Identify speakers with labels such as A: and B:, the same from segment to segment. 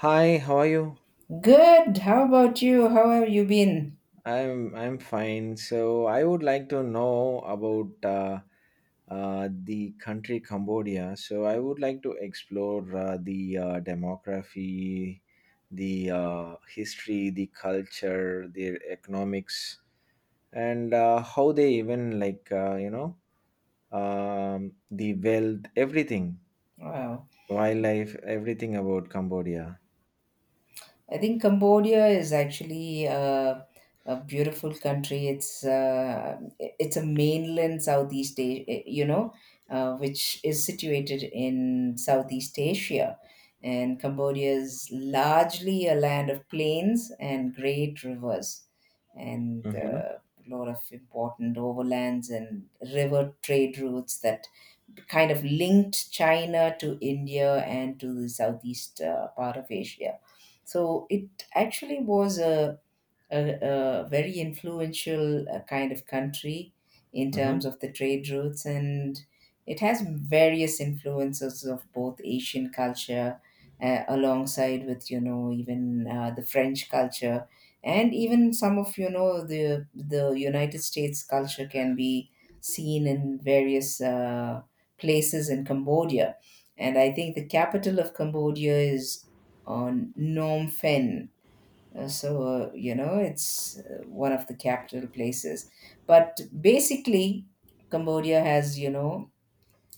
A: Hi, how are you?
B: Good. How about you? How have you been?
A: I'm fine. So I would like to know about the country Cambodia. So I would like to explore the demography, the history, the culture, their economics, and how they even like the wealth, everything,
B: Wow.
A: wildlife, everything about Cambodia.
B: I think Cambodia is actually a beautiful country. It's it's a mainland Southeast, which is situated in Southeast Asia, and Cambodia is largely a land of plains and great rivers, and
A: Mm-hmm.
B: a lot of important overlands and river trade routes that kind of linked China to India and to the southeast part of Asia. So it actually was a very influential kind of country in terms
A: Mm-hmm.
B: of the trade routes, and it has various influences of both Asian culture, alongside with even the French culture, and even some of the United States culture can be seen in various places in Cambodia. And I think the capital of Cambodia is on Phnom Penh. So, it's one of the capital places. But basically, Cambodia has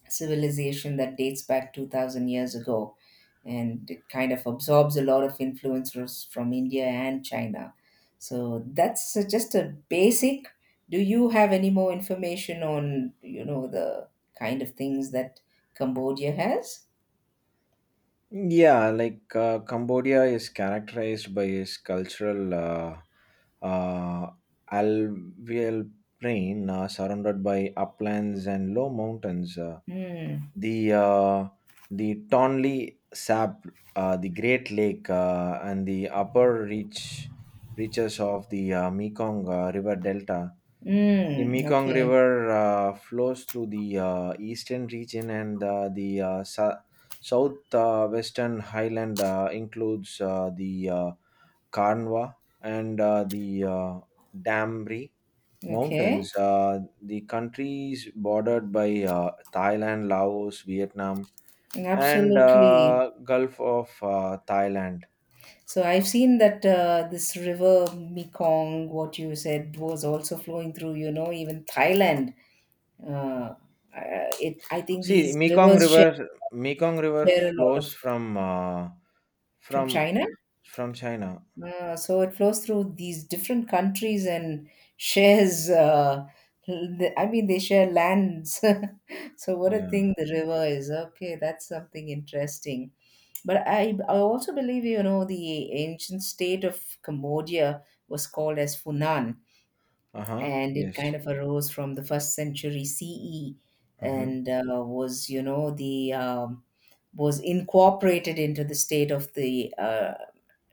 B: civilization that dates back 2000 years ago. And it kind of absorbs a lot of influences from India and China. So that's just a basic. Do you have any more information on the kind of things that Cambodia has?
A: Yeah, like Cambodia is characterized by its cultural uh, alluvial plain surrounded by uplands and low mountains.
B: Mm.
A: The uh, the Tonle Sap, the Great Lake, and the upper reaches of the Mekong River Delta. The
B: Mm.
A: Mekong
B: Okay.
A: River flows through the eastern region, and the south western highland includes the Karnwa and the Damri
B: Okay.
A: Mountains. The country is bordered by Thailand, Laos, Vietnam, and
B: Absolutely.
A: Gulf of Thailand.
B: So I've seen that this river Mekong, what you said, was also flowing through. Even Thailand. Uh, I think
A: See, the
B: these
A: Mekong
B: rivers share,
A: River, Mekong River
B: share a lot
A: flows
B: of from
A: from
B: China.
A: from China.
B: So it flows through these different countries and shares. I mean, they share lands. So what a
A: Yeah.
B: thing the river is. Okay, that's something interesting. But I also believe the ancient state of Cambodia was called as Funan,
A: Uh-huh.
B: and it
A: Yes.
B: kind of arose from the first century CE
A: Mm-hmm.
B: and was incorporated into the state of the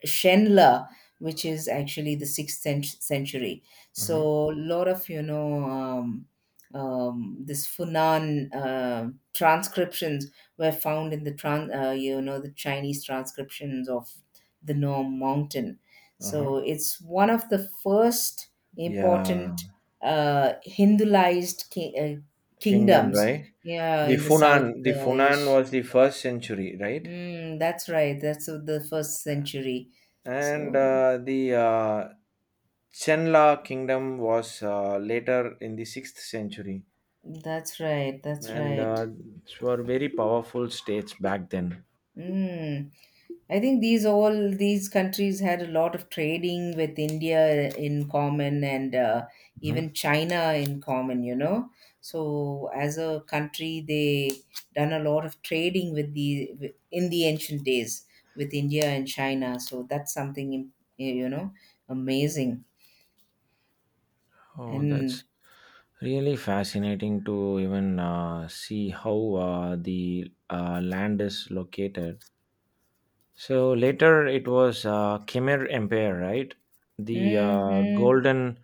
B: Shenla, which is actually the sixth century.
A: Mm-hmm.
B: So a lot of this Funan transcriptions were found in the the Chinese transcriptions of the Nome Mountain.
A: Uh-huh.
B: So it's one of the first
A: Yeah.
B: important Hinduized
A: Kingdom,
B: kingdoms.
A: right?
B: Yeah,
A: The
B: in the South
A: Funan, the Funan
B: ish.
A: was the first century, right?
B: Mm, that's right. That's of the first century.
A: And
B: So.
A: the Chenla kingdom was later in the sixth century,
B: That's right. That's
A: and
B: right.
A: these were very powerful states back then.
B: Mm. I think these all these countries had a lot of trading with India in common and
A: Mhm.
B: even China in common. So as a country, they done a lot of trading with the in the ancient days with India and China. So that's something you know amazing
A: Oh,
B: and.
A: that's really fascinating to even see how the land is located. So later it was Khmer Empire, right? The
B: Hmm. Hmm.
A: golden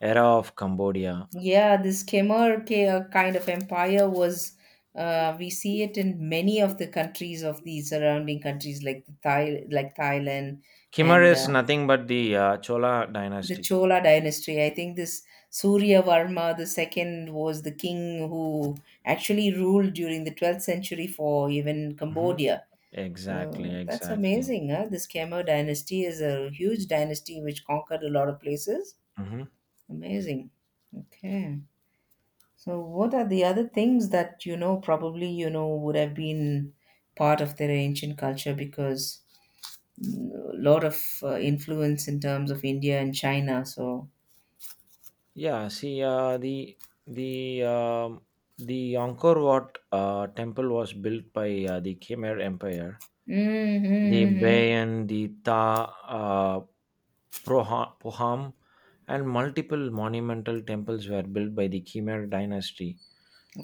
A: era of Cambodia.
B: Yeah, this Khmer kind of empire we see it in many of the countries of the surrounding countries like the Thai, like Thailand,
A: Khmer
B: and
A: is nothing but the Chola
B: the
A: dynasty.
B: Chola dynasty. I think this Surya Varma the second was the king who actually ruled during the 12th century for even
A: Hmm.
B: Cambodia.
A: Exactly,
B: So that's
A: exactly.
B: amazing. Huh? This Khmer dynasty is a huge dynasty which conquered a lot of places.
A: Hmm.
B: Amazing. Okay. So, what are the other things that probably would have been part of their ancient culture, because a lot of influence in terms of India and China. So.
A: Yeah, see, the um, the Angkor Wat temple was built by the Khmer Empire. The
B: Mm-hmm.
A: Bayan, the Ta uh, Poham, and multiple monumental temples were built by the Khmer dynasty.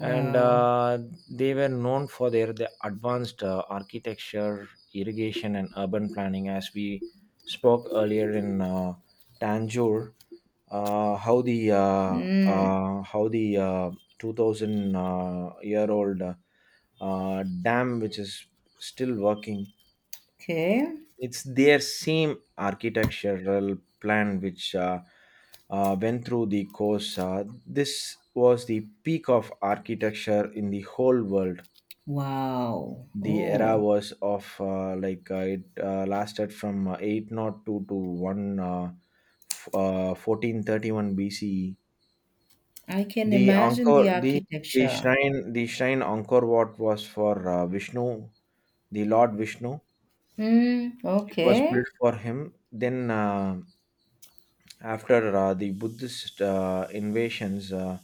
A: And they were known for the advanced architecture, irrigation, and urban planning. As we spoke earlier in Tanjore,
B: Mm.
A: how the 2000 year old dam, which is still working,
B: Okay.
A: it's their same architectural plan which went through the course. This was the peak of architecture in the whole world.
B: Wow.
A: The era
B: Oh.
A: was of like it lasted from 802 to 1 1431 BCE.
B: I can
A: The
B: imagine the
A: Angkor
B: architecture.
A: the shrine Angkor Wat was for Vishnu, the Lord Vishnu.
B: Mm,
A: It was built
B: okay.
A: for him. Then, after the Buddhist invasions,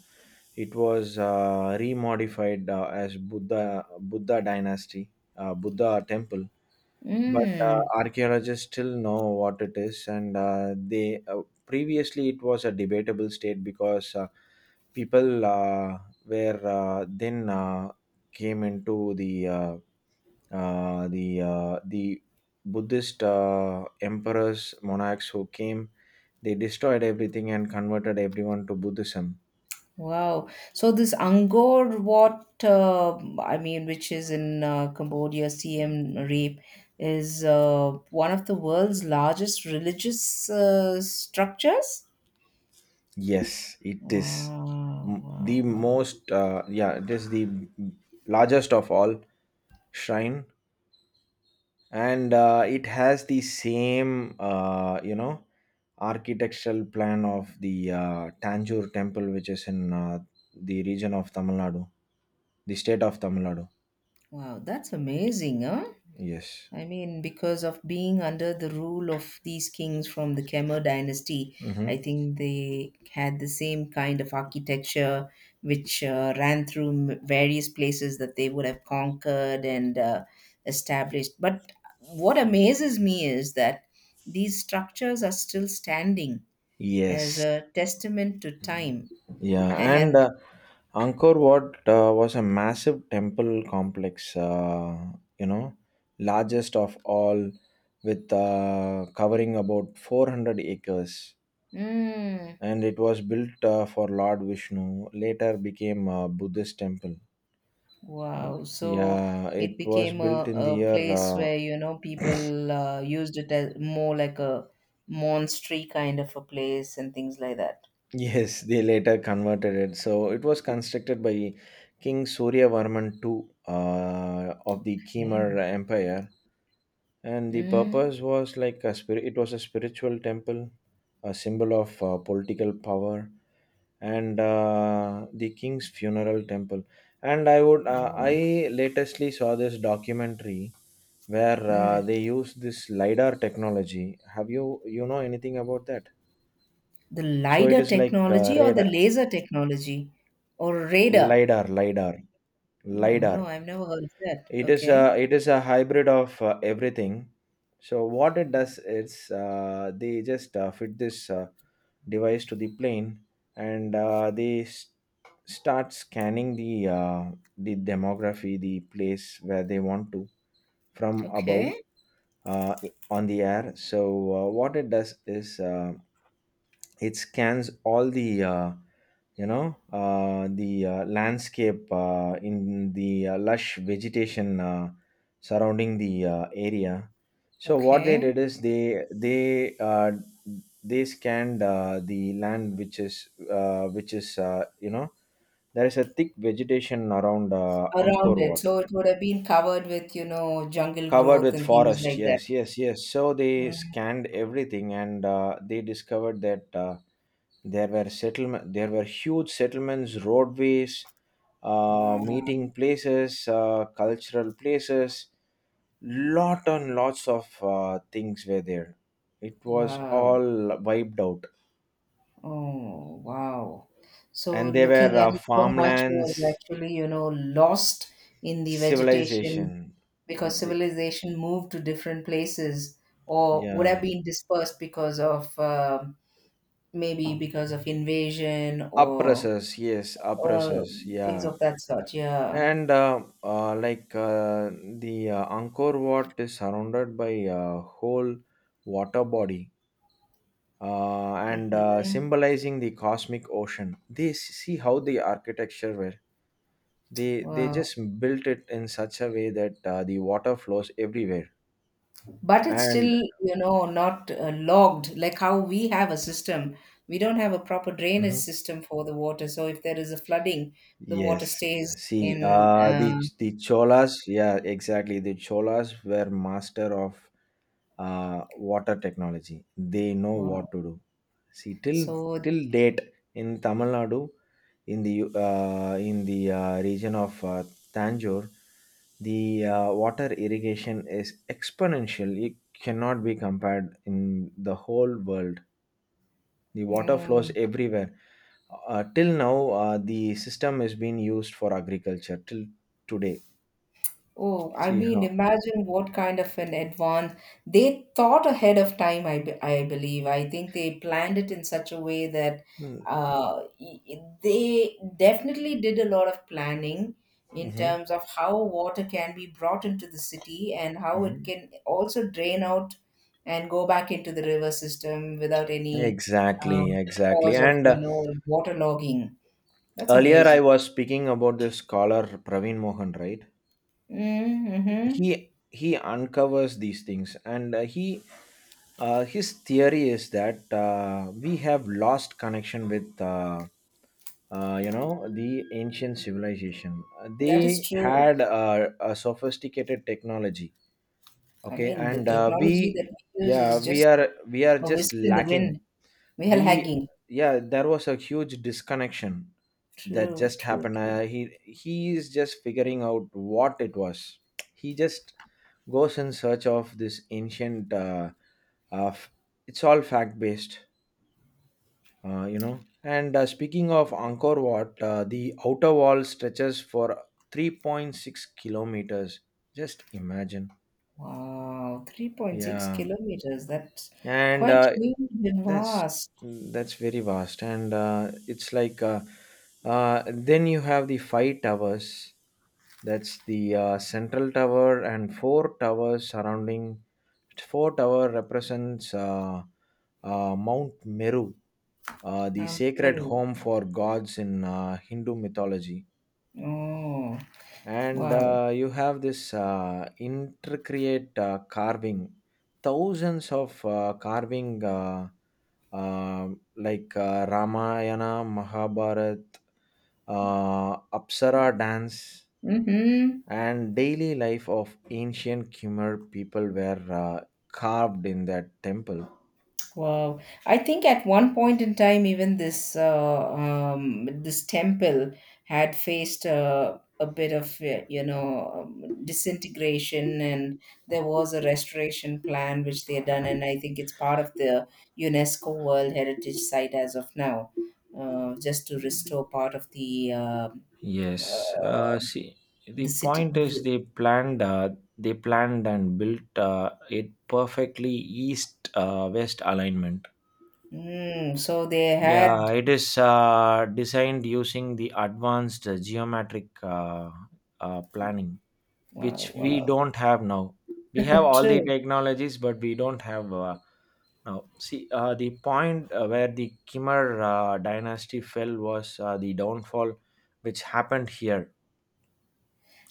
A: it was remodified as Buddha dynasty, Buddha temple. But
B: Mm.
A: archaeologists still know what it is, and they previously it was a debatable state because people were then came into the the Buddhist emperors, monarchs who came, they destroyed everything and converted everyone to Buddhism.
B: Wow. So this Angkor Wat, I mean, which is in Cambodia, Siem Reap, is one of the world's largest religious structures.
A: Yes, it is
B: Wow,
A: the
B: wow, wow.
A: most. Yeah, it is the largest of all shrine, and it has the same architectural plan of the Tanjore temple, which is in the region of Tamil Nadu, the state of Tamil Nadu.
B: Wow, that's amazing, huh?
A: Yes.
B: I mean, because of being under the rule of these kings from the Khmer dynasty, I
A: Mhm.
B: think they had the same kind of architecture which ran through various places that they would have conquered and established. But what amazes me is that these structures are still standing as
A: Yes,
B: a testament to time.
A: yeah, and
B: And
A: Angkor Wat was a massive temple complex, you know, largest of all, with covering about 400 acres.
B: hmm.
A: And it was built for Lord Vishnu, later became a Buddhist temple.
B: Wow. So
A: Yeah,
B: it
A: it was
B: became
A: built
B: a,
A: in the
B: a
A: year
B: place where people used it as more like a monastery kind of a place and things like that.
A: Yes, they later converted it. So it was constructed by King Suryavarman II of the Khmer
B: Yeah.
A: Empire, and the
B: Mm.
A: purpose was like a spirit it was a spiritual temple, a symbol of political power, and the king's funeral temple. And I
B: Oh.
A: latestly saw this documentary where
B: Mm.
A: they use this lidar technology. Have you know anything about that?
B: The
A: So it
B: LiDAR
A: is like
B: technology or the
A: radar.
B: laser technology or radar?
A: lidar lidar
B: Oh,
A: lidar
B: no, I've never heard of that.
A: it is
B: Okay.
A: a it is a hybrid of everything. So what it does is they just fit this device to the plane, and they start scanning the demography, the place where they want to, from above,
B: Okay.
A: uh, on the air. So what it does is it scans all the landscape in the lush vegetation surrounding the area. So what they
B: Okay.
A: did is they scanned the land, which is there is a thick vegetation around Angkor
B: Around it.
A: Wat,
B: So it would have been covered with jungle
A: covered
B: growth
A: with
B: and things
A: forest.
B: like that.
A: Yes, yes, yes. So they
B: Mm.
A: scanned everything, and they discovered that there were settlement. There were huge settlements, roadways,
B: Wow.
A: meeting places, cultural places. Lot and lots of things were there. It was
B: Wow.
A: all wiped out,
B: Oh, wow. So
A: and there were
B: looking at it, so much was
A: farmlands,
B: actually lost in the vegetation,
A: civilization.
B: because
A: The-
B: civilization moved to different places or would have
A: yeah,
B: been dispersed because of maybe because of invasion or
A: oppressors. Yes,
B: or
A: oppressors.
B: things
A: Yeah.
B: of that sort. Yeah.
A: And like the Angkor Wat is surrounded by a whole water body, and
B: Mhm.
A: symbolizing the cosmic ocean. They see how the architecture were. They
B: Wow.
A: just built it in such a way that the water flows everywhere.
B: But it's still
A: And.
B: you know not logged like how we have a system, we don't have a proper drainage
A: Mhm.
B: system for the water, so if there is a flooding the water
A: Yes,
B: stays
A: see,
B: in
A: the Cholas. Yeah, exactly. The Cholas were master of water technology. They know
B: wa-
A: what to do. See, till
B: so.
A: till date in Tamil Nadu, in the region of Tanjore, the water irrigation is exponential. It cannot be compared in the whole world. The water flows
B: Mm.
A: everywhere till now. The system is being used for agriculture till today.
B: Oh, I
A: See
B: mean,
A: how.
B: imagine what kind of an advance they thought ahead of time. I believe. I think they planned it in such a way that
A: Mm-hmm.
B: uh, y- they definitely did a lot of planning in
A: Mm-hmm.
B: terms of how water can be brought into the city and how it can also drain out and go back into the river system without any
A: Exactly,
B: um,
A: exactly.
B: cause of,
A: And
B: you know, waterlogging. That's
A: earlier I
B: amazing.
A: was speaking about this scholar, Praveen Mohan, right?
B: Mm-hmm.
A: He he uncovers these things, and he his theory is that we have lost connection with uh, you know the ancient civilization.
B: That is
A: They
B: true.
A: had a sophisticated technology,
B: I
A: okay?
B: mean, the
A: And
B: technology
A: we.
B: that we use
A: Yeah,
B: is
A: we
B: just
A: are we are
B: a
A: just
B: whisper in the
A: lacking.
B: wind, whale
A: We.
B: hanging.
A: Yeah, there was a huge disconnection that
B: True,
A: just
B: true,
A: happened.
B: true, true.
A: He is just figuring out what it was. He just goes in search of this ancient, uh f- it's all fact based, and speaking of Angkor Wat, the outer wall stretches for 3.6 kilometers. Just imagine.
B: Wow, 3.6
A: Yeah.
B: kilometers. That's
A: And
B: quite huge and
A: That's
B: vast.
A: that's very vast, and it's like then you have the five towers. That's the central tower and four towers surrounding. Four tower represents Mount Meru, the sacred
B: Peru.
A: home for gods in Hindu mythology,
B: Oh,
A: and
B: wow.
A: you have this intricate carving, thousands of carving, uh, like Ramayana, Mahabharat, Apsara dance,
B: Mm-hmm.
A: and daily life of ancient Khmer people were carved in that temple.
B: Wow. I think at one point in time, even this temple had faced a bit of disintegration, and there was a restoration plan which they had done, and I think it's part of the UNESCO World Heritage Site as of now, just to restore part of
A: Yes.
B: uh,
A: See, the
B: the city.
A: point is
B: The,
A: they planned and built it perfectly east west alignment.
B: mm, so they
A: Yeah,
B: had
A: it is designed using the advanced geometric planning,
B: wow,
A: which we
B: wow.
A: don't have now. We have all the
B: True.
A: technologies, but we don't have now. See, the point where the Khmer dynasty fell was the downfall, which happened here.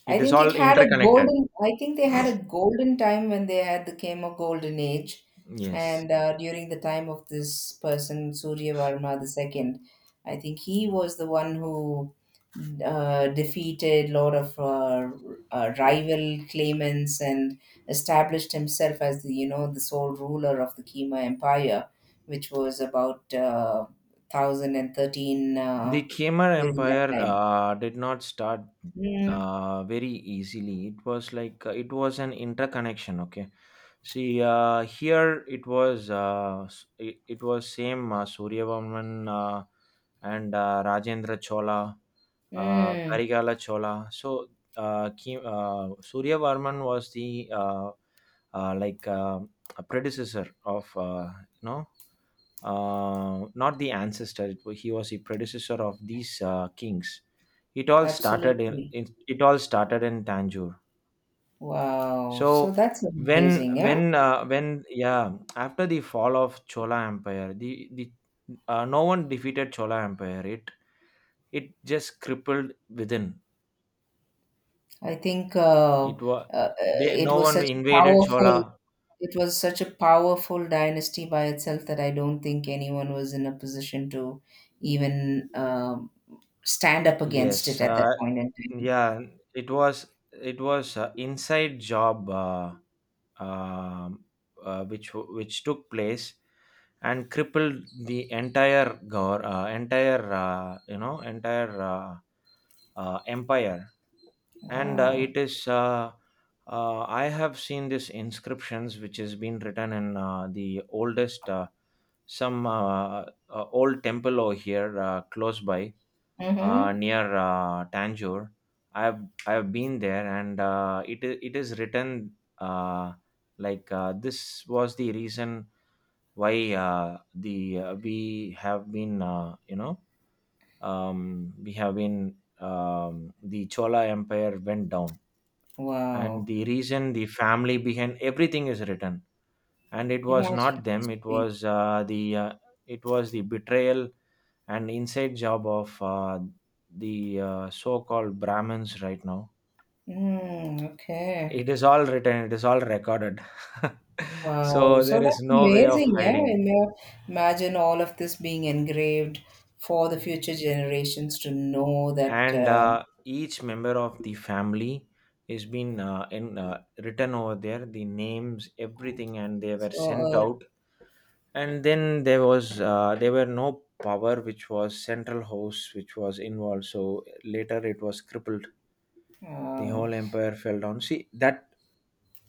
B: I
A: It is
B: think it
A: all
B: had a
A: interconnected.
B: golden, I think they had a golden time when they had the Kemo golden age.
A: Yes,
B: And during the time of this person, Surya Varma the second, I think he was the one who defeated lot of rival claimants and established himself as the sole ruler of the Khmer Empire, which was about 1013
A: the Khmer
B: during that
A: Empire
B: time.
A: did not start
B: Mm,
A: very easily. It was like it was an interconnection. Okay, see, here it was it was same, Suryavarman and Rajendra Chola,
B: mm.
A: Karigala Chola. So Suryavarman was the like a predecessor of you know not the ancestor. He was the predecessor of these kings.
B: Absolutely.
A: It all started in Tanjore.
B: Wow. So
A: So
B: that's amazing, yeah.
A: when yeah, after the fall of Chola Empire, the no one defeated Chola Empire. It just crippled within.
B: I think
A: It was,
B: uh,
A: they,
B: it
A: no
B: was
A: one
B: such a
A: invaded
B: powerful
A: Chola.
B: it was such a powerful dynasty by itself that I don't think anyone was in a position to even stand up against it
A: Yes,
B: at that point in time.
A: yeah. It was it was inside job. Um, which took place and crippled the entire gor entire entire empire, and
B: Wow.
A: it is I have seen these inscriptions which has been written in the some uh, old temple over here, close by,
B: Mm-hmm.
A: near Tanjore. I've I've been there, and it is written, this was the reason why the we have been, the Chola Empire went down, and
B: Wow.
A: the reason the family behind everything is written, and it was
B: Imagine
A: not them, it
B: history.
A: was, the it was the betrayal and inside job of the so-called brahmins. Right now
B: Mm, okay.
A: it is all written, it is all recorded.
B: Wow,
A: So
B: so
A: there is
B: that's
A: no way of
B: amazing, yeah.
A: hiding.
B: Imagine all of this being engraved for the future generations to know that
A: And each member of the family is been, in written over there, the names, everything, and they were sent
B: so,
A: out. And then there was, there were no power which was central house which was involved, so later it was crippled,
B: uh,
A: the
B: uh,
A: whole empire fell down. See that,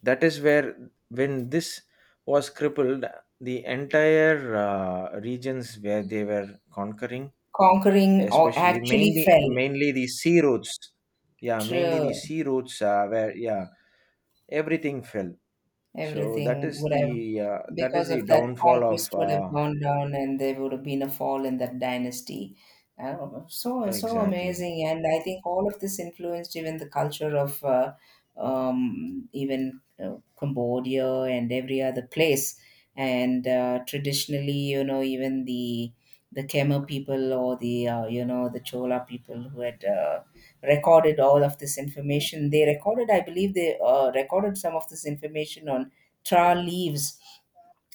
A: that is where, when this was crippled, the entire regions where they were conquering,
B: conquering or
A: especially
B: actually
A: mainly,
B: fell.
A: mainly the sea routes. Yeah, mainly the
B: True.
A: sea routes, where, yeah, everything fell. So that
B: Everything
A: is
B: would have,
A: the, that is
B: because
A: the
B: of that,
A: downfall of
B: conquest would have gone down and there would have been a fall in that dynasty. Uh, so
A: exactly.
B: amazing. And I think all of this influenced even the culture of even Cambodia and every other place. And traditionally, even the Khmer people or the you know the Chola people who had recorded all of this information. They recorded, I believe, they recorded some of this information on tra leaves,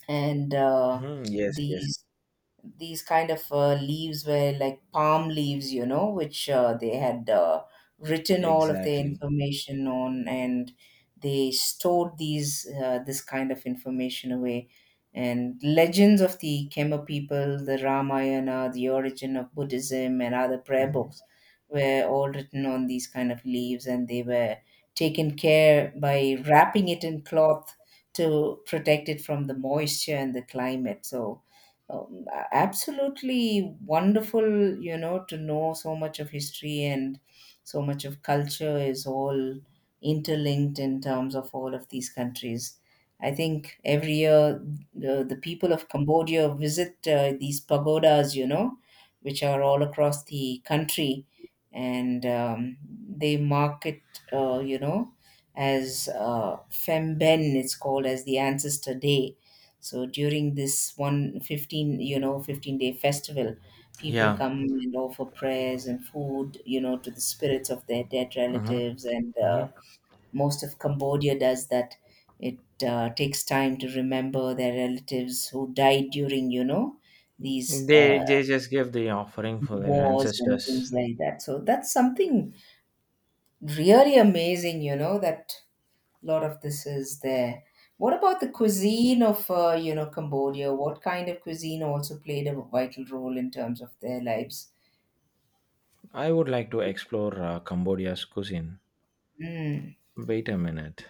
B: and
A: Hmm, yes, yes,
B: these these kind of leaves were like palm leaves, which they had written all of their
A: exactly.
B: information on, and they stored these this kind of information away. And legends of the Khmer people, the Ramayana, the origin of Buddhism, and other prayer
A: Mhm.
B: books were all written on these kind of leaves, and they were taken care by wrapping it in cloth to protect it from the moisture and the climate. So absolutely wonderful to know so much of history and so much of culture is all interlinked in terms of all of these countries. I think every year the people of Cambodia visit these pagodas which are all across the country, and they mark it, uh, you know, as Femben, it's called as the Ancestor Day, so during this one 15, you know, 15-day festival, people
A: Yeah.
B: come and offer prayers and food, to the spirits of their dead relatives. And
A: Mhm.
B: most of Cambodia does that. It takes time to remember their relatives who died during these
A: They they just give the offering for their
B: wars and things
A: ancestors.
B: like that. So that's something really amazing that a lot of this is there. What about the cuisine of, Cambodia? What kind of cuisine also played a vital role in terms of their lives?
A: I would like to explore Cambodia's cuisine.
B: Mm.
A: Wait a minute.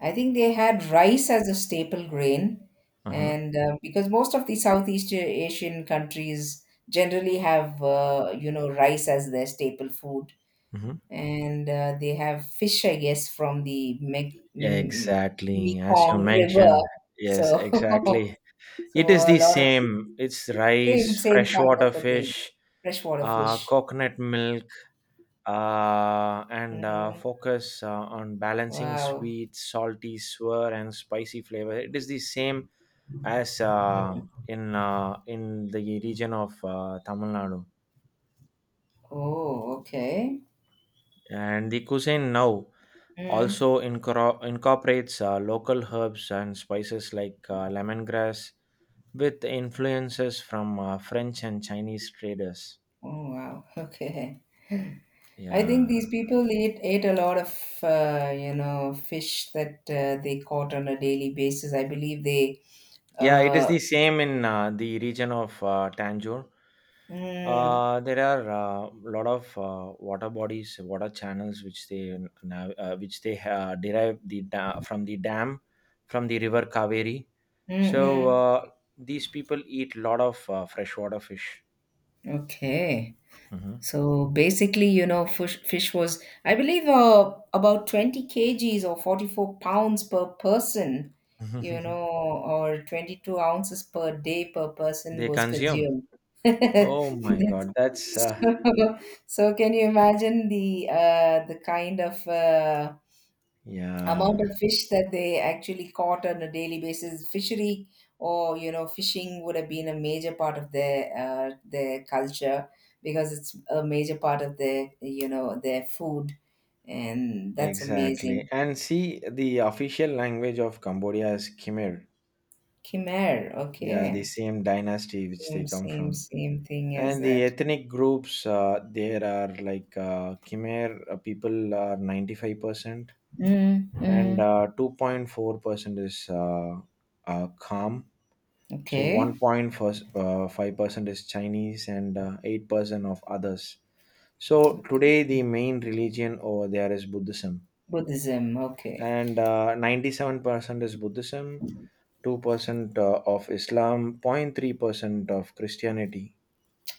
B: I think they had rice as a staple grain,
A: Uh huh.
B: and because most of the Southeast Asian countries generally have, rice as their staple food,
A: Hmm.
B: and they have fish, I guess, from the
A: Exactly, as you
B: Mekong River.
A: mentioned. Yes,
B: So
A: exactly.
B: so
A: It is
B: a
A: the
B: lot of
A: same. It's
B: same
A: rice,
B: same kind
A: freshwater
B: of a thing,
A: fish,
B: freshwater fish.
A: coconut milk, and
B: Hmm.
A: focus on balancing
B: Wow.
A: sweet, salty, sour, and spicy flavor. It is the same as, in the region of Tamil Nadu,
B: Oh, okay.
A: and the cuisine now
B: Mm.
A: also incorporates local herbs and spices like lemongrass, with influences from French and Chinese traders.
B: Oh, wow. Okay. I think
A: Yeah.
B: these people eat ate a lot of fish that they caught on a daily basis. I believe they.
A: Yeah, it is
B: Uh,
A: the same in the region of Tanjore.
B: mm,
A: There are a lot of water bodies, water channels, which they which they derive the from the dam, from the river Kaveri. So
B: mm-mm.
A: these people eat a lot of freshwater fish.
B: Okay.
A: Mhm.
B: So basically, fish was, I believe, about 20 kgs or 44 pounds per person, you know, or 22 ounces per day per person
A: They
B: was
A: consume.
B: consumed.
A: Oh my
B: That's-
A: God, that's
B: so, so can you imagine the kind of amount
A: yeah,
B: of fish that they actually caught on a daily basis? Fishery or, you know, fishing would have been a major part of their culture, because it's a major part of their, you know, their food. And that's amazing.
A: exactly. And see, the official language of Cambodia is Khmer.
B: Khmer,
A: Yeah, the
B: okay.
A: same dynasty which they
B: same
A: come from.
B: same same thing
A: And
B: as
A: the
B: that.
A: ethnic groups, there are like, khmer people are 95%,
B: Mm,
A: and
B: mm.
A: 2.4% is kham. So
B: Okay.
A: 1.5% is chinese, and 8% of others. So today the main religion over there is buddhism,
B: Buddhism, okay.
A: and 97% is buddhism, 2% of islam, 0.3% of christianity.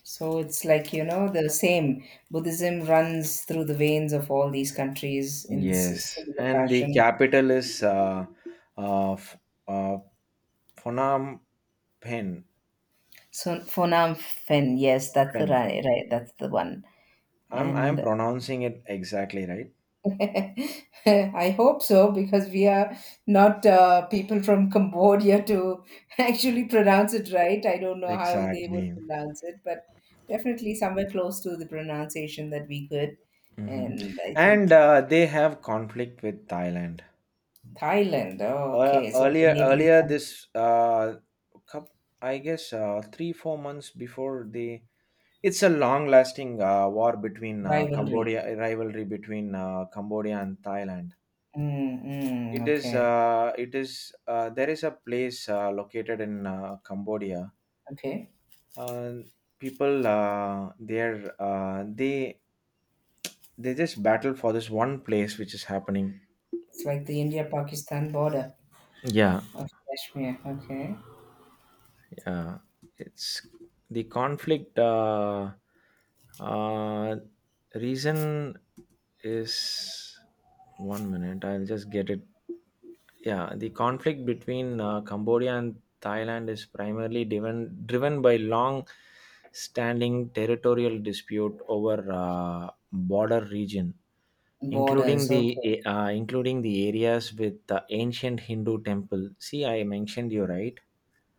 B: So it's like, you know, the same Buddhism runs through the veins of all these countries in this
A: Yes,
B: similar
A: and the
B: fashion.
A: capital is uh, f- uh, Phnom Penh.
B: So Phnom Fen, yes, that's
A: Penh.
B: right, right, that's the one.
A: I'm
B: And
A: pronouncing it exactly right.
B: I hope so, because we are not people from Cambodia to actually pronounce it right. I don't know how they would
A: Exactly.
B: pronounce it, but definitely somewhere close to the pronunciation that we could.
A: Hmm.
B: And I think
A: And they have conflict with Thailand.
B: Thailand. Oh, okay, so the
A: Earlier,
B: neighboring
A: earlier
B: country
A: this cup, I guess 3 4 months before the. It's a long-lasting war between
B: rivalry.
A: Cambodia, rivalry between Cambodia and Thailand.
B: Mm, mm,
A: it is
B: okay,
A: uh, it is uh, there is a place located in Cambodia.
B: okay.
A: Uh, people there, they just battle for this one place which is happening.
B: It's like the India-Pakistan border
A: Yeah,
B: of Kashmir. Okay.
A: yeah, it's the conflict, uh, reason is, 1 minute, I'll just get it. Yeah, the conflict between cambodia and thailand is primarily driven, driven by long standing territorial dispute over border region, including
B: Borders,
A: the
B: okay.
A: including the areas with the ancient hindu temple. See, I mentioned you, right?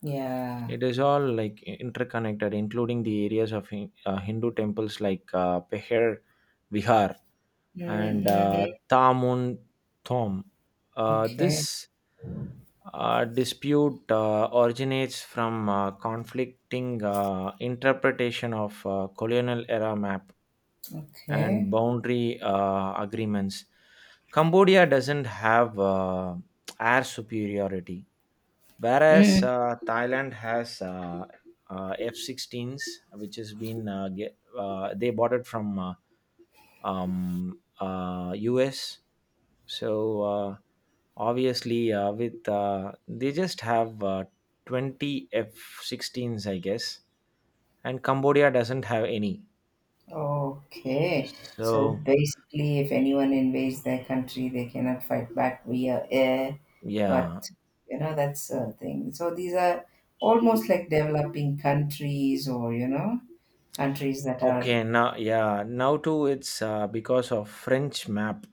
B: Yeah.
A: It is all like interconnected, including the areas of Hindu temples like Peher Vihar, and
B: Mm-hmm.
A: Tamun Thom.
B: Okay.
A: This dispute originates from conflicting interpretation of colonial era map and
B: Okay.
A: boundary agreements. Cambodia doesn't have air superiority. Whereas
B: Mm.
A: Thailand has F-16s, which has been they bought it from US. So obviously, with they just have 20 F-16s, I guess, and Cambodia doesn't have any.
B: Okay. So
A: So
B: basically, if anyone invades their country, they cannot fight back via air.
A: yeah.
B: But, you know, that's a thing. So these are almost like developing countries or, you know, countries that are.
A: Okay, now, yeah, now too it's because of French map,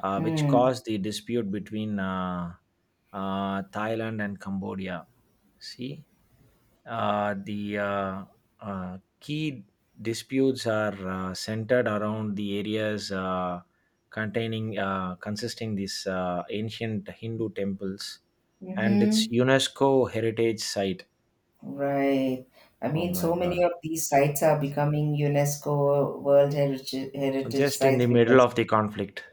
A: which
B: Mm.
A: caused the dispute between Thailand and Cambodia. See, the key disputes are centered around the areas containing, consisting these ancient Hindu temples, and its
B: Mm-hmm.
A: UNESCO heritage site.
B: Right. I
A: Oh
B: mean,
A: my
B: so many
A: God!
B: of these sites are becoming UNESCO World Heritage
A: Just in
B: Sites
A: the middle
B: because
A: of the conflict.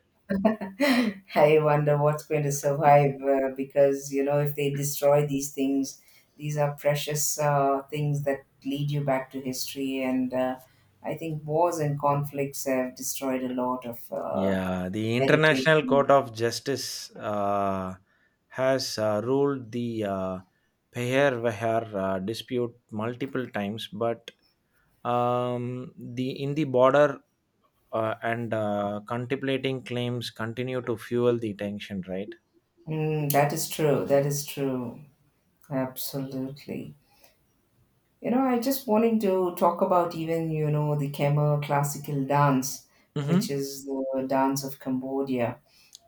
B: I wonder what's going to survive. Because, you know, if they destroy these things, these are precious things that lead you back to history. And I think wars and conflicts have destroyed a lot of
A: Yeah, the
B: heritage.
A: International Court of Justice has ruled the Peher Vehar dispute multiple times, but the in the border and contemplating claims continue to fuel the tension, right?
B: Mm, that is true. That is true. Absolutely. You know, I just wanting to talk about even, you know, the Khmer classical dance, which
A: Mm-hmm.
B: is the dance of Cambodia.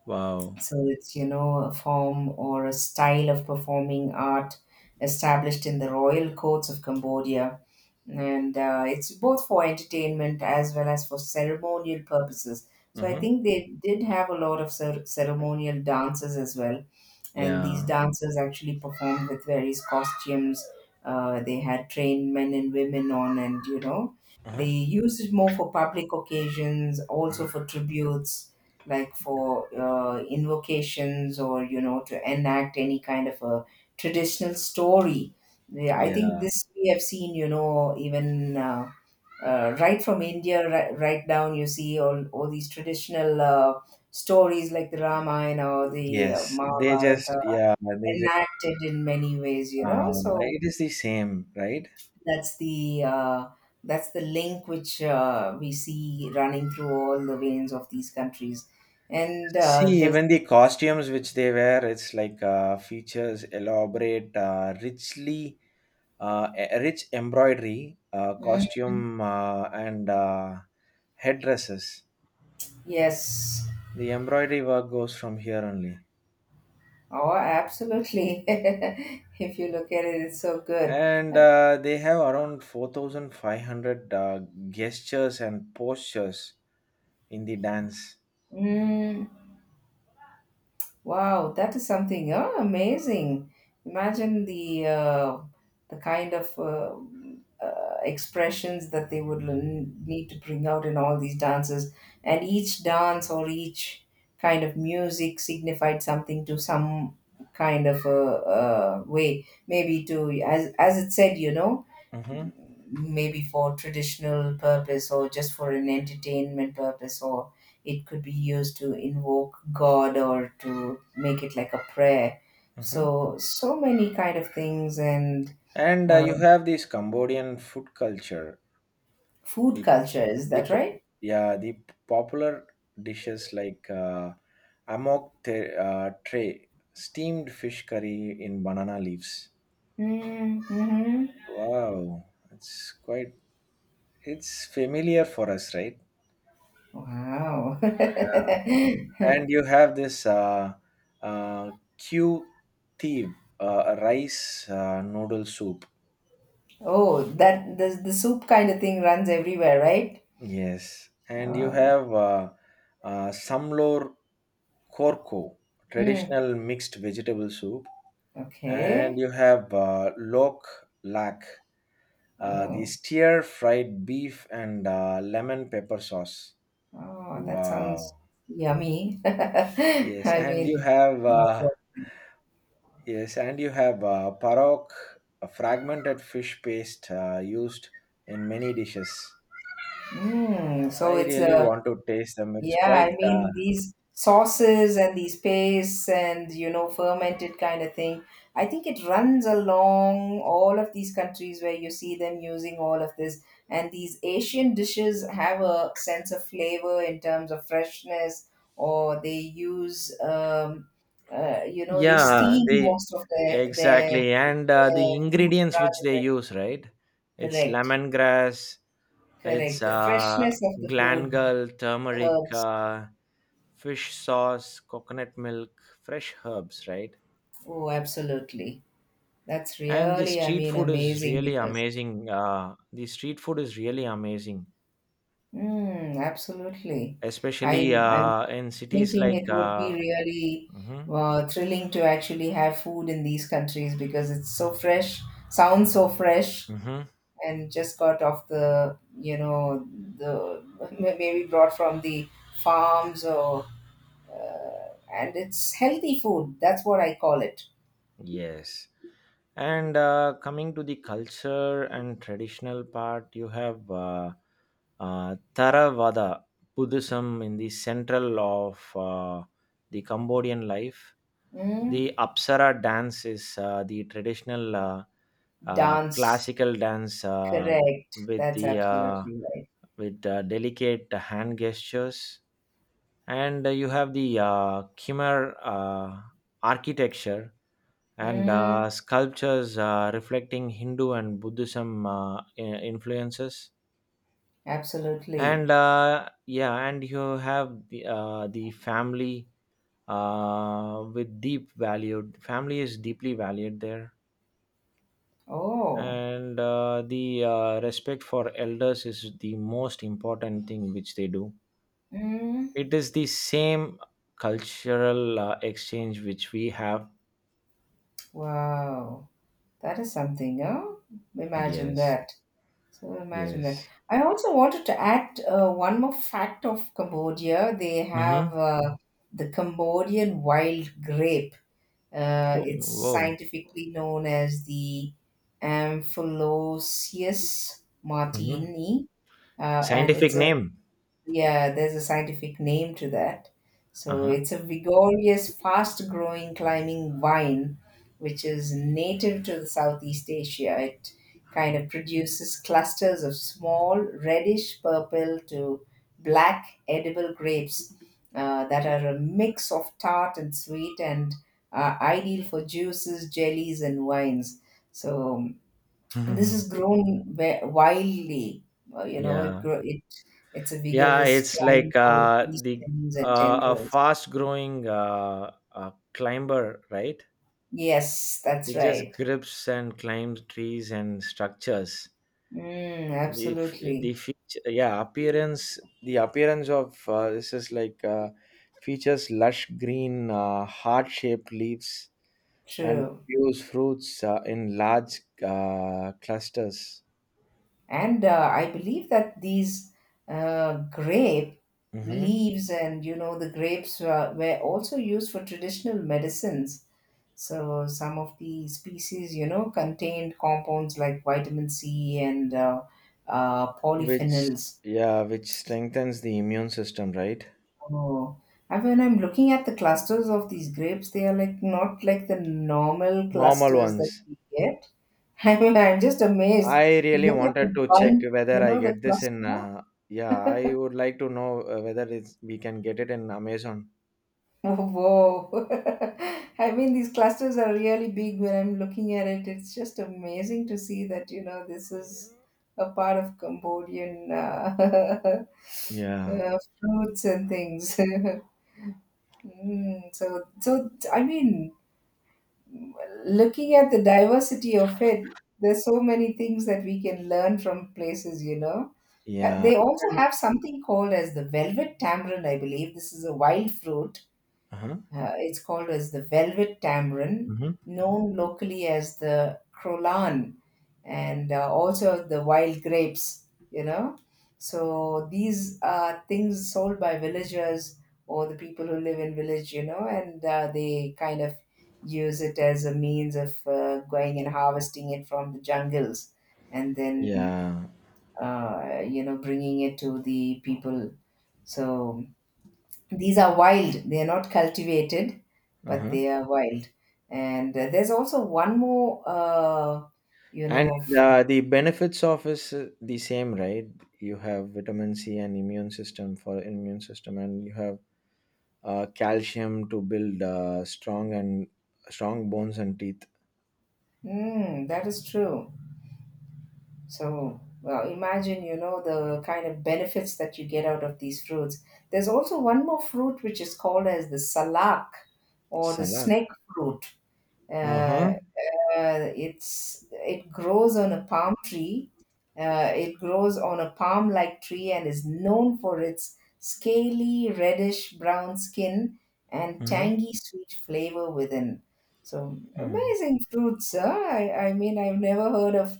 A: Wow.
B: So it's, you know, a form or a style of performing art established in the royal courts of Cambodia. And it's both for entertainment as well as for ceremonial purposes. So I
A: Mm-hmm.
B: think they did have a lot of ceremonial dances as well, and these
A: Yeah.
B: dancers actually performed with various costumes. They had trained men and women on, and, you know, they
A: Mm-hmm.
B: used it more for public occasions, also for tributes, like for invocations, or, you know, to enact any kind of a traditional story. Yeah, I think
A: Yeah.
B: this we have seen, you know, even. Right from India, right, right down, you see all these traditional stories like the Ramayana or the
A: Yes. They just,
B: Mahabharata
A: yeah, they just,
B: enacted in many ways, you know.
A: uh,
B: So
A: it is the same, right?
B: that's the uh, that's the link which we see running through all the veins of these countries, and
A: See,
B: the
A: even the costumes which they wear, it's like features elaborate, richly, rich embroidery,
B: Mm,
A: costume, and headdresses.
B: yes,
A: The embroidery work goes from here only.
B: oh, absolutely. If you look at it, it's so good.
A: And
B: Uh,
A: they have around 4,500 gestures and postures in the dance.
B: mm, Wow, that is something amazing. Imagine the kind of expressions that they would need to bring out in all these dances, and each dance or each kind of music signified something to some kind of a, way. Maybe to, as it said, you know,
A: Hmm.
B: maybe for traditional purpose, or just for an entertainment purpose, or it could be used to invoke god, or to make it like a prayer.
A: Hmm.
B: So so many kind of things and
A: And
B: uh,
A: you have this Cambodian food culture,
B: food
A: the
B: culture, is
A: the
B: that
A: po-
B: right?
A: yeah the popular dishes like amok tray, steamed fish curry in banana leaves.
B: Mm-hmm.
A: Wow, it's quite, it's familiar for us, right?
B: Wow.
A: Yeah. And you have this uh, q thieve, uh, rice noodle soup.
B: Oh, that the soup kind of thing runs everywhere, right?
A: Yes. And you
B: uh,
A: have samlor korko,
B: mm,
A: traditional mixed vegetable soup. And
B: okay.
A: you have lok lak, the
B: Oh.
A: stir fried beef and lemon pepper sauce.
B: Oh, that sounds
A: Wow.
B: yummy.
A: Yes,
B: I
A: and you
B: mean,
A: have
B: my God.
A: yes, and you have parok, a fragmented fish paste used in many dishes.
B: Mm, so
A: I
B: it's
A: really
B: a,
A: want to taste them. It's
B: yeah,
A: quite
B: I mean, these sauces and these pastes and, you know, fermented kind of thing. I think it runs along all of these countries where you see them using all of this. And these Asian dishes have a sense of flavor in terms of freshness, or they use, you know, they
A: yeah,
B: steam
A: they
B: most of their, their,
A: exactly, and
B: their
A: the
B: food.
A: ingredients which they use, right? It's
B: Correct,
A: lemongrass, it's
B: correct. The freshness of the food,
A: glangal,
B: the
A: turmeric,
B: herbs.
A: fish sauce, coconut milk, fresh herbs, right?
B: Oh, absolutely. That's
A: And the
B: really, I
A: street
B: mean,
A: food is
B: amazing
A: really
B: because,
A: amazing. The street food is really amazing,
B: mm, absolutely.
A: especially
B: I'm
A: in cities
B: thinking
A: like.
B: it would be really
A: Mhm,
B: thrilling to actually have food in these countries, because it's so fresh, sounds so fresh,
A: mhm,
B: and just got off the, you know, the maybe brought from the farms, or, and it's healthy food. That's what I call it.
A: yes. And coming to the culture and traditional part, you have Theravada Buddhism in the central of the Cambodian life.
B: Mm,
A: The Apsara dance is the traditional
B: dance.
A: classical dance
B: Correct.
A: with
B: That's
A: the uh,
B: absolutely right.
A: with delicate hand gestures, and you have the Khmer architecture and
B: Mm,
A: sculptures reflecting Hindu and Buddhism, influences.
B: absolutely.
A: And yeah, and you have the family with deep value. Family is deeply valued there.
B: Oh.
A: And the respect for elders is the most important thing which they do.
B: Mm,
A: It is the same cultural exchange which we have.
B: wow. That is something, huh? Imagine
A: Yes,
B: that. So imagine that.
A: yes.
B: I also wanted to add one more fact of Cambodia. They have
A: Mm-hmm.
B: the Cambodian wild grape.
A: Oh,
B: It's
A: whoa.
B: scientifically known as the Amphiloceus
A: Mm-hmm.
B: martini, and
A: Scientific
B: it's a
A: name.
B: Yeah, there's a scientific name to that. So
A: Uh-huh.
B: it's a vigorous, fast growing climbing vine, which is native to the Southeast Asia. It kind of produces clusters of small, reddish purple to black edible grapes that are a mix of tart and sweet, and are ideal for juices, jellies, and wines. So and this has grown wildly. You know, it
A: Yeah.
B: grow it. It's a
A: Yeah,
B: vigorous
A: it's like
B: climber with these
A: the
B: stems and
A: a
B: tendrils.
A: fast growing climber, right?
B: Yes, that's
A: It just
B: right.
A: grips and climbs trees and structures.
B: Mm,
A: The
B: absolutely
A: the feature, yeah, appearance, the appearance of this is like features lush green, heart-shaped leaves, and
B: true.
A: produce fruits in large clusters.
B: And I believe that these grape
A: Mm-hmm.
B: leaves and, you know, the grapes were also used for traditional medicines. So some of the species, you know, contained compounds like vitamin C and
A: Which,
B: polyphenols.
A: yeah, which strengthens the immune system, right?
B: Oh, and when I'm looking at the clusters of these grapes, they are like not like the normal
A: Normal
B: clusters that
A: ones.
B: we get. I mean, I'm just amazed.
A: I really
B: Look at
A: wanted
B: the
A: to check
B: bun,
A: whether
B: you
A: I
B: know, the
A: get this
B: cluster.
A: in, yeah, I would like to know whether it's we can get it in amazon.
B: Whoa. I mean, these clusters are really big when I'm looking at it. It's just amazing to see that, you know, this is a part of Cambodian
A: Yeah,
B: fruits and things. Mm, so, so, I mean, looking at the diversity of it, there's so many things that we can learn from places, you know.
A: yeah.
B: They also have something called as the velvet tamarind, I believe. This is a wild fruit
A: Uh-huh.
B: it's called as the velvet tamarind,
A: Mm-hmm.
B: known locally as the crolan, and also the wild grapes. You know, so these are things sold by villagers, or the people who live in village. You know, and they kind of use it as a means of going and harvesting it from the jungles, and then
A: Yeah,
B: you know, bringing it to the people. So these are wild, they are not cultivated, but
A: uh-huh.
B: they are wild. And there's also one more you
A: And
B: know f-
A: the benefits of is the same, right? You have vitamin c and immune system, for immune system, and you have calcium to build strong bones and teeth.
B: mm, that is true. So well, imagine, you know, the kind of benefits that you get out of these fruits. There's also one more fruit which is called as the salak or the
A: Salah.
B: snake fruit. uh,
A: Uh-huh.
B: it's it grows on a palm tree. It grows on a palm-like tree, and is known for its scaly reddish brown skin and
A: Hmm.
B: tangy sweet flavor within. So
A: Hmm.
B: amazing fruits, huh? I mean, I've never heard of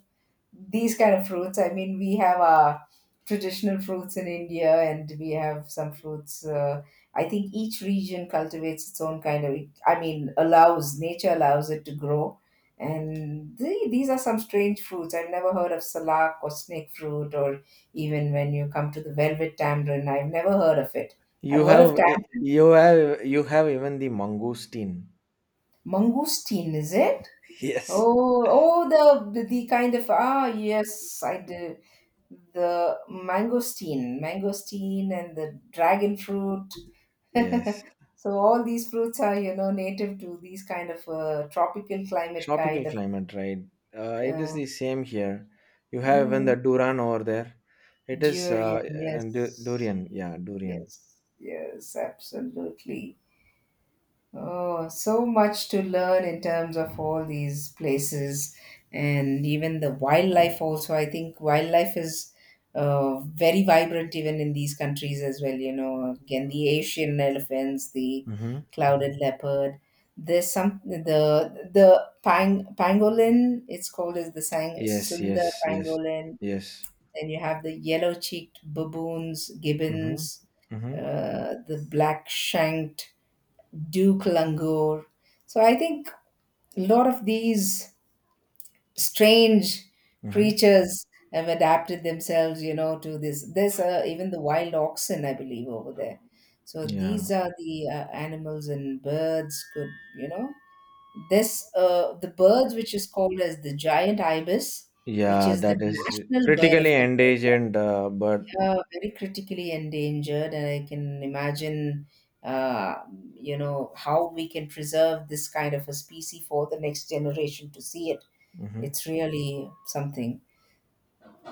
B: these kind of fruits. I mean, we have our traditional fruits in India, and we have some fruits. I think each region cultivates its own kind of. I mean, allows nature allows it to grow, and the, these are some strange fruits. I've never heard of salak or snake fruit, or even when you come to the velvet tamarind, I've never heard of it. I've heard of
A: You have even the mangosteen.
B: mangosteen, is it?
A: Yes.
B: Oh, oh, the kind of ah yes, I do. The mangosteen and the dragon fruit.
A: Yes.
B: So all these fruits are, you know, native to these kind of tropical climate
A: Tropical
B: kind of
A: climate, right? It is
B: uh,
A: the same here. You have even
B: mm,
A: the Duran over there. It is
B: durian.
A: and
B: Yes,
A: durian. Yeah, durian.
B: yes, yes, absolutely. Oh, so much to learn in terms of all these places, and even the wildlife also. I think wildlife is very vibrant even in these countries as well. You know, again, the Asian elephants, the
A: Mm-hmm.
B: clouded leopard. There's some the pangolin. It's called as the sang
A: Yes,
B: Sunda
A: yes, yes,
B: pangolin.
A: yes.
B: Then you have the yellow-cheeked baboons,
A: Mm-hmm.
B: gibbons,
A: Mm-hmm.
B: the black-shanked. Duke Langur. So I think a lot of these strange
A: Mm-hmm.
B: creatures have adapted themselves, you know, to this. There's even the wild oxen, I believe, over there. So these
A: Yeah.
B: are the animals and birds could, you know, this the birds which is called as the giant ibis, which
A: Yeah,
B: is the
A: that is
B: national bird
A: critically
B: of
A: endangered bird.
B: very critically endangered, and I can imagine, uh, you know, how we can preserve this kind of a species for the next generation to see it.
A: Mm-hmm.
B: It's really something.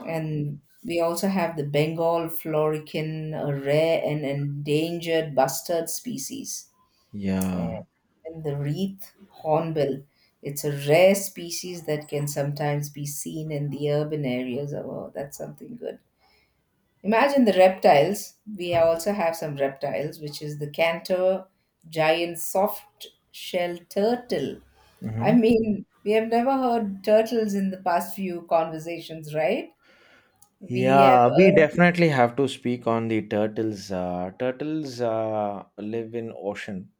B: And we also have the Bengal florican, a rare and endangered bustard species, and
A: Yeah.
B: even the wreath hornbill. It's a rare species that can sometimes be seen in the urban areas. Oh, that's something good. Imagine the reptiles. We also have some reptiles, which is the cantor, giant soft shell turtle. I mean, we have never heard turtles in the past few conversations, right? We have
A: Yeah, we
B: heard.
A: definitely have to speak on the turtles. Turtles live in ocean,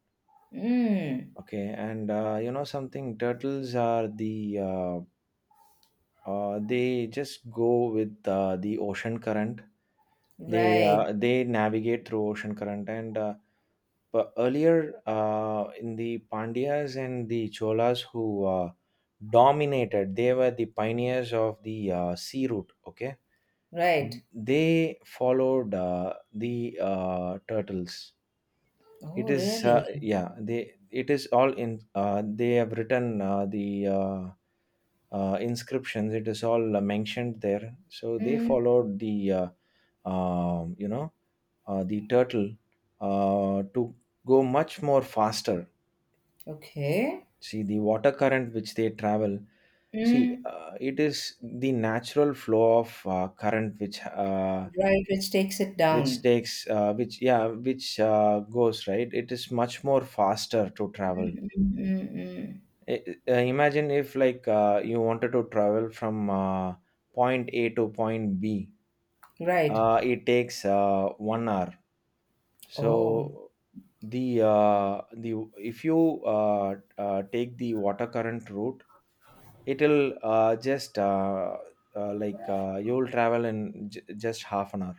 B: Mm,
A: okay, and you know something. Turtles are the they just go with the ocean current. They
B: right,
A: uh, they navigate through ocean current, and but earlier in the Pandyas and the Cholas who dominated, they were the pioneers of the sea route. Okay,
B: right.
A: they followed the turtles. it
B: Oh,
A: is
B: really?
A: uh, yeah, they, it is all in, they have written the inscriptions, it is all mentioned there, so they
B: Mm,
A: followed the, you know, the turtle, to go much more faster,
B: okay.
A: see the water current which they travel. See,
B: Mm,
A: it is the natural flow of current
B: right, which takes it
A: which
B: down.
A: takes which, yeah, which goes right, it is much more faster to travel.
B: Mm, mm, mm.
A: Imagine if like you wanted to travel from point a to point b,
B: Right.
A: it takes 1 hour,
B: Oh.
A: so the uh, the if you uh, take the water current route, it'll just, you'll travel in just half an hour,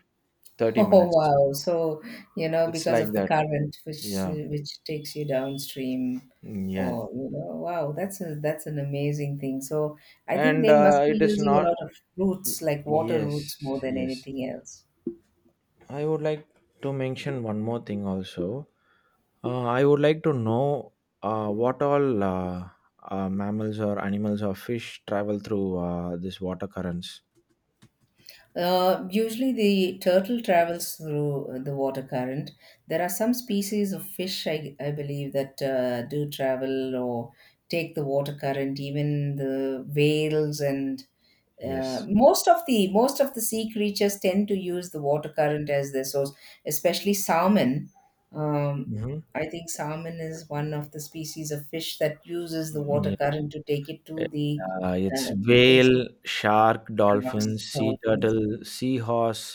A: 30
B: Oh
A: minutes.
B: wow! So you know
A: It's
B: because
A: like
B: of the
A: that,
B: current
A: yeah.
B: which takes you downstream,
A: Mm, yeah.
B: or you know wow that's a that's an amazing thing. So I think
A: And
B: they must be
A: it is
B: using a
A: not
B: lot of
A: y-
B: roots like water
A: yes,
B: roots more than
A: yes,
B: anything else.
A: I would like to mention one more thing also. Uh, I would like to know what all mammals or animals or fish travel through this water currents.
B: Usually, the turtle travels through the water current. There are some species of fish, I believe, that do travel or take the water current. Even the whales and
A: Yes.
B: most of the sea creatures tend to use the water current as their source, especially salmon. Um,
A: Mm-hmm.
B: I think salmon is one of the species of fish that uses the water
A: Yeah.
B: current to take it to the
A: It's
B: uh, place
A: whale
B: of
A: shark dolphin
B: sharks,
A: sea
B: dolphins.
A: turtle seahorse.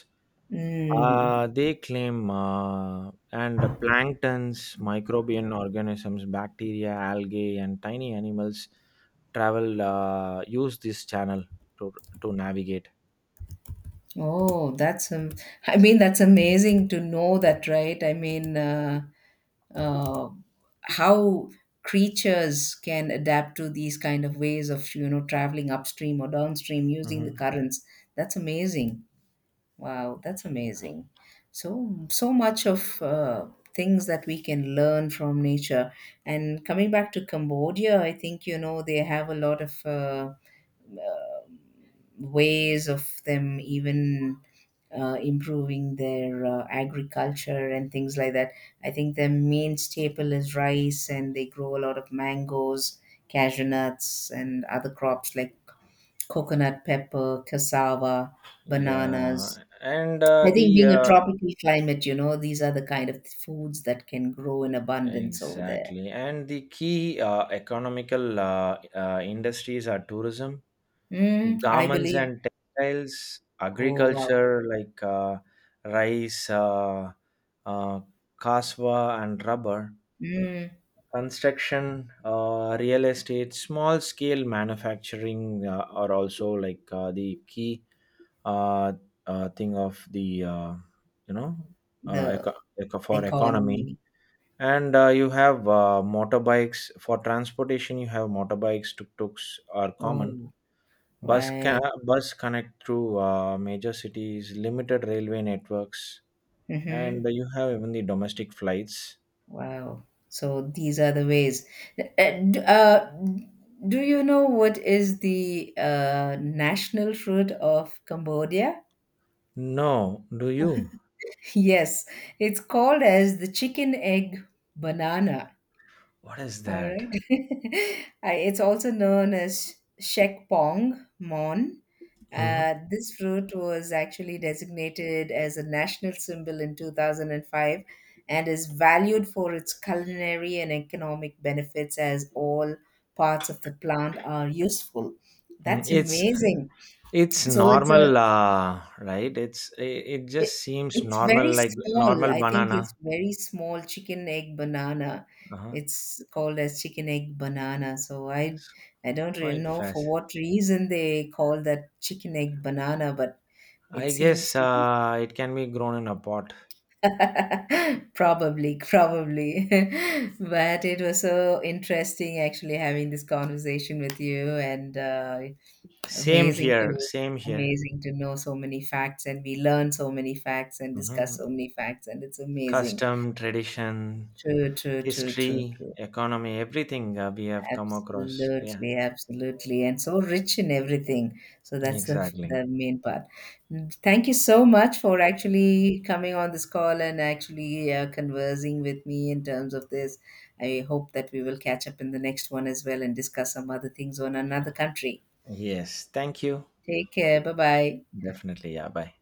B: Mm.
A: They claim, and the planktons, microbial organisms, bacteria, algae, and tiny animals travel, use this channel to to navigate.
B: Oh, that's I mean, that's amazing to know that, right? I mean, uh, how creatures can adapt to these kind of ways of, you know, traveling upstream or downstream using the
A: Hmm.
B: currents. That's amazing. Wow, that's amazing. So, so much of things that we can learn from nature. And coming back to Cambodia, I think, you know, they have a lot of. Ways of them even improving their agriculture and things like that. I think their main staple is rice, and they grow a lot of mangoes, cashew nuts, and other crops like coconut pepper, cassava,
A: Yeah,
B: bananas.
A: and
B: I think
A: the
B: being a tropical climate, you know, these are the kind of foods that can grow in abundance over there.
A: exactly, and the key economical industries are tourism,
B: Mm, I
A: garments
B: believe.
A: and textiles,
B: Oh, wow.
A: agriculture like rice, uh, cassava and rubber,
B: Mm,
A: construction, real estate, small scale manufacturing are also like the key uh, thing of the, uh, you know uh,
B: the
A: eco- eco- for economy.
B: economy.
A: And you have motorbikes for transportation. You have motorbikes, tuk tuks are common.
B: Oh,
A: Bus can
B: right.
A: bus connect through major cities, limited railway networks, and
B: Mm-hmm.
A: you have even the domestic flights.
B: Wow. So these are the ways. Uh, d- uh, do you know what is the national fruit of Cambodia?
A: No, do you?
B: Yes, it's called as the chicken egg banana.
A: What is
B: All
A: that?
B: right. It's also known as Shek Pong Mon.
A: Mhm.
B: This fruit was actually designated as a national symbol in 2005 and is valued for its culinary and economic benefits as all parts of the plant are useful.
A: Mm,
B: That's
A: It's
B: amazing.
A: it's
B: So it's
A: normal,
B: a
A: right? It's it, it just
B: it
A: seems
B: it's
A: normal,
B: very
A: like
B: small.
A: normal
B: I think it's
A: banana.
B: very small chicken egg banana.
A: Uh-huh.
B: It's called as chicken egg banana. So I
A: It's
B: I don't really
A: quite
B: know for
A: fast.
B: what reason they call that chicken egg banana, but it
A: I
B: seems
A: guess
B: to be
A: it can be grown in a pot.
B: probably but it was so interesting actually having this conversation with you and
A: Same
B: Amazing
A: here,
B: to
A: same here.
B: amazing to know so many facts and we learn so many facts and discuss
A: Hmm.
B: so many facts and it's amazing.
A: Custom, tradition,
B: True, true, true, true,
A: history,
B: true.
A: economy, everything we have come across. Yeah,
B: Absolutely, absolutely. And so rich in everything. So that's the
A: exactly.
B: the main part. Mm, thank you so much for actually coming on this call and actually conversing with me in terms of this. I hope that we will catch up in the next one as well and discuss some other things on another country.
A: Yes. Thank you.
B: Take care. Bye bye.
A: Definitely. Yeah. Bye.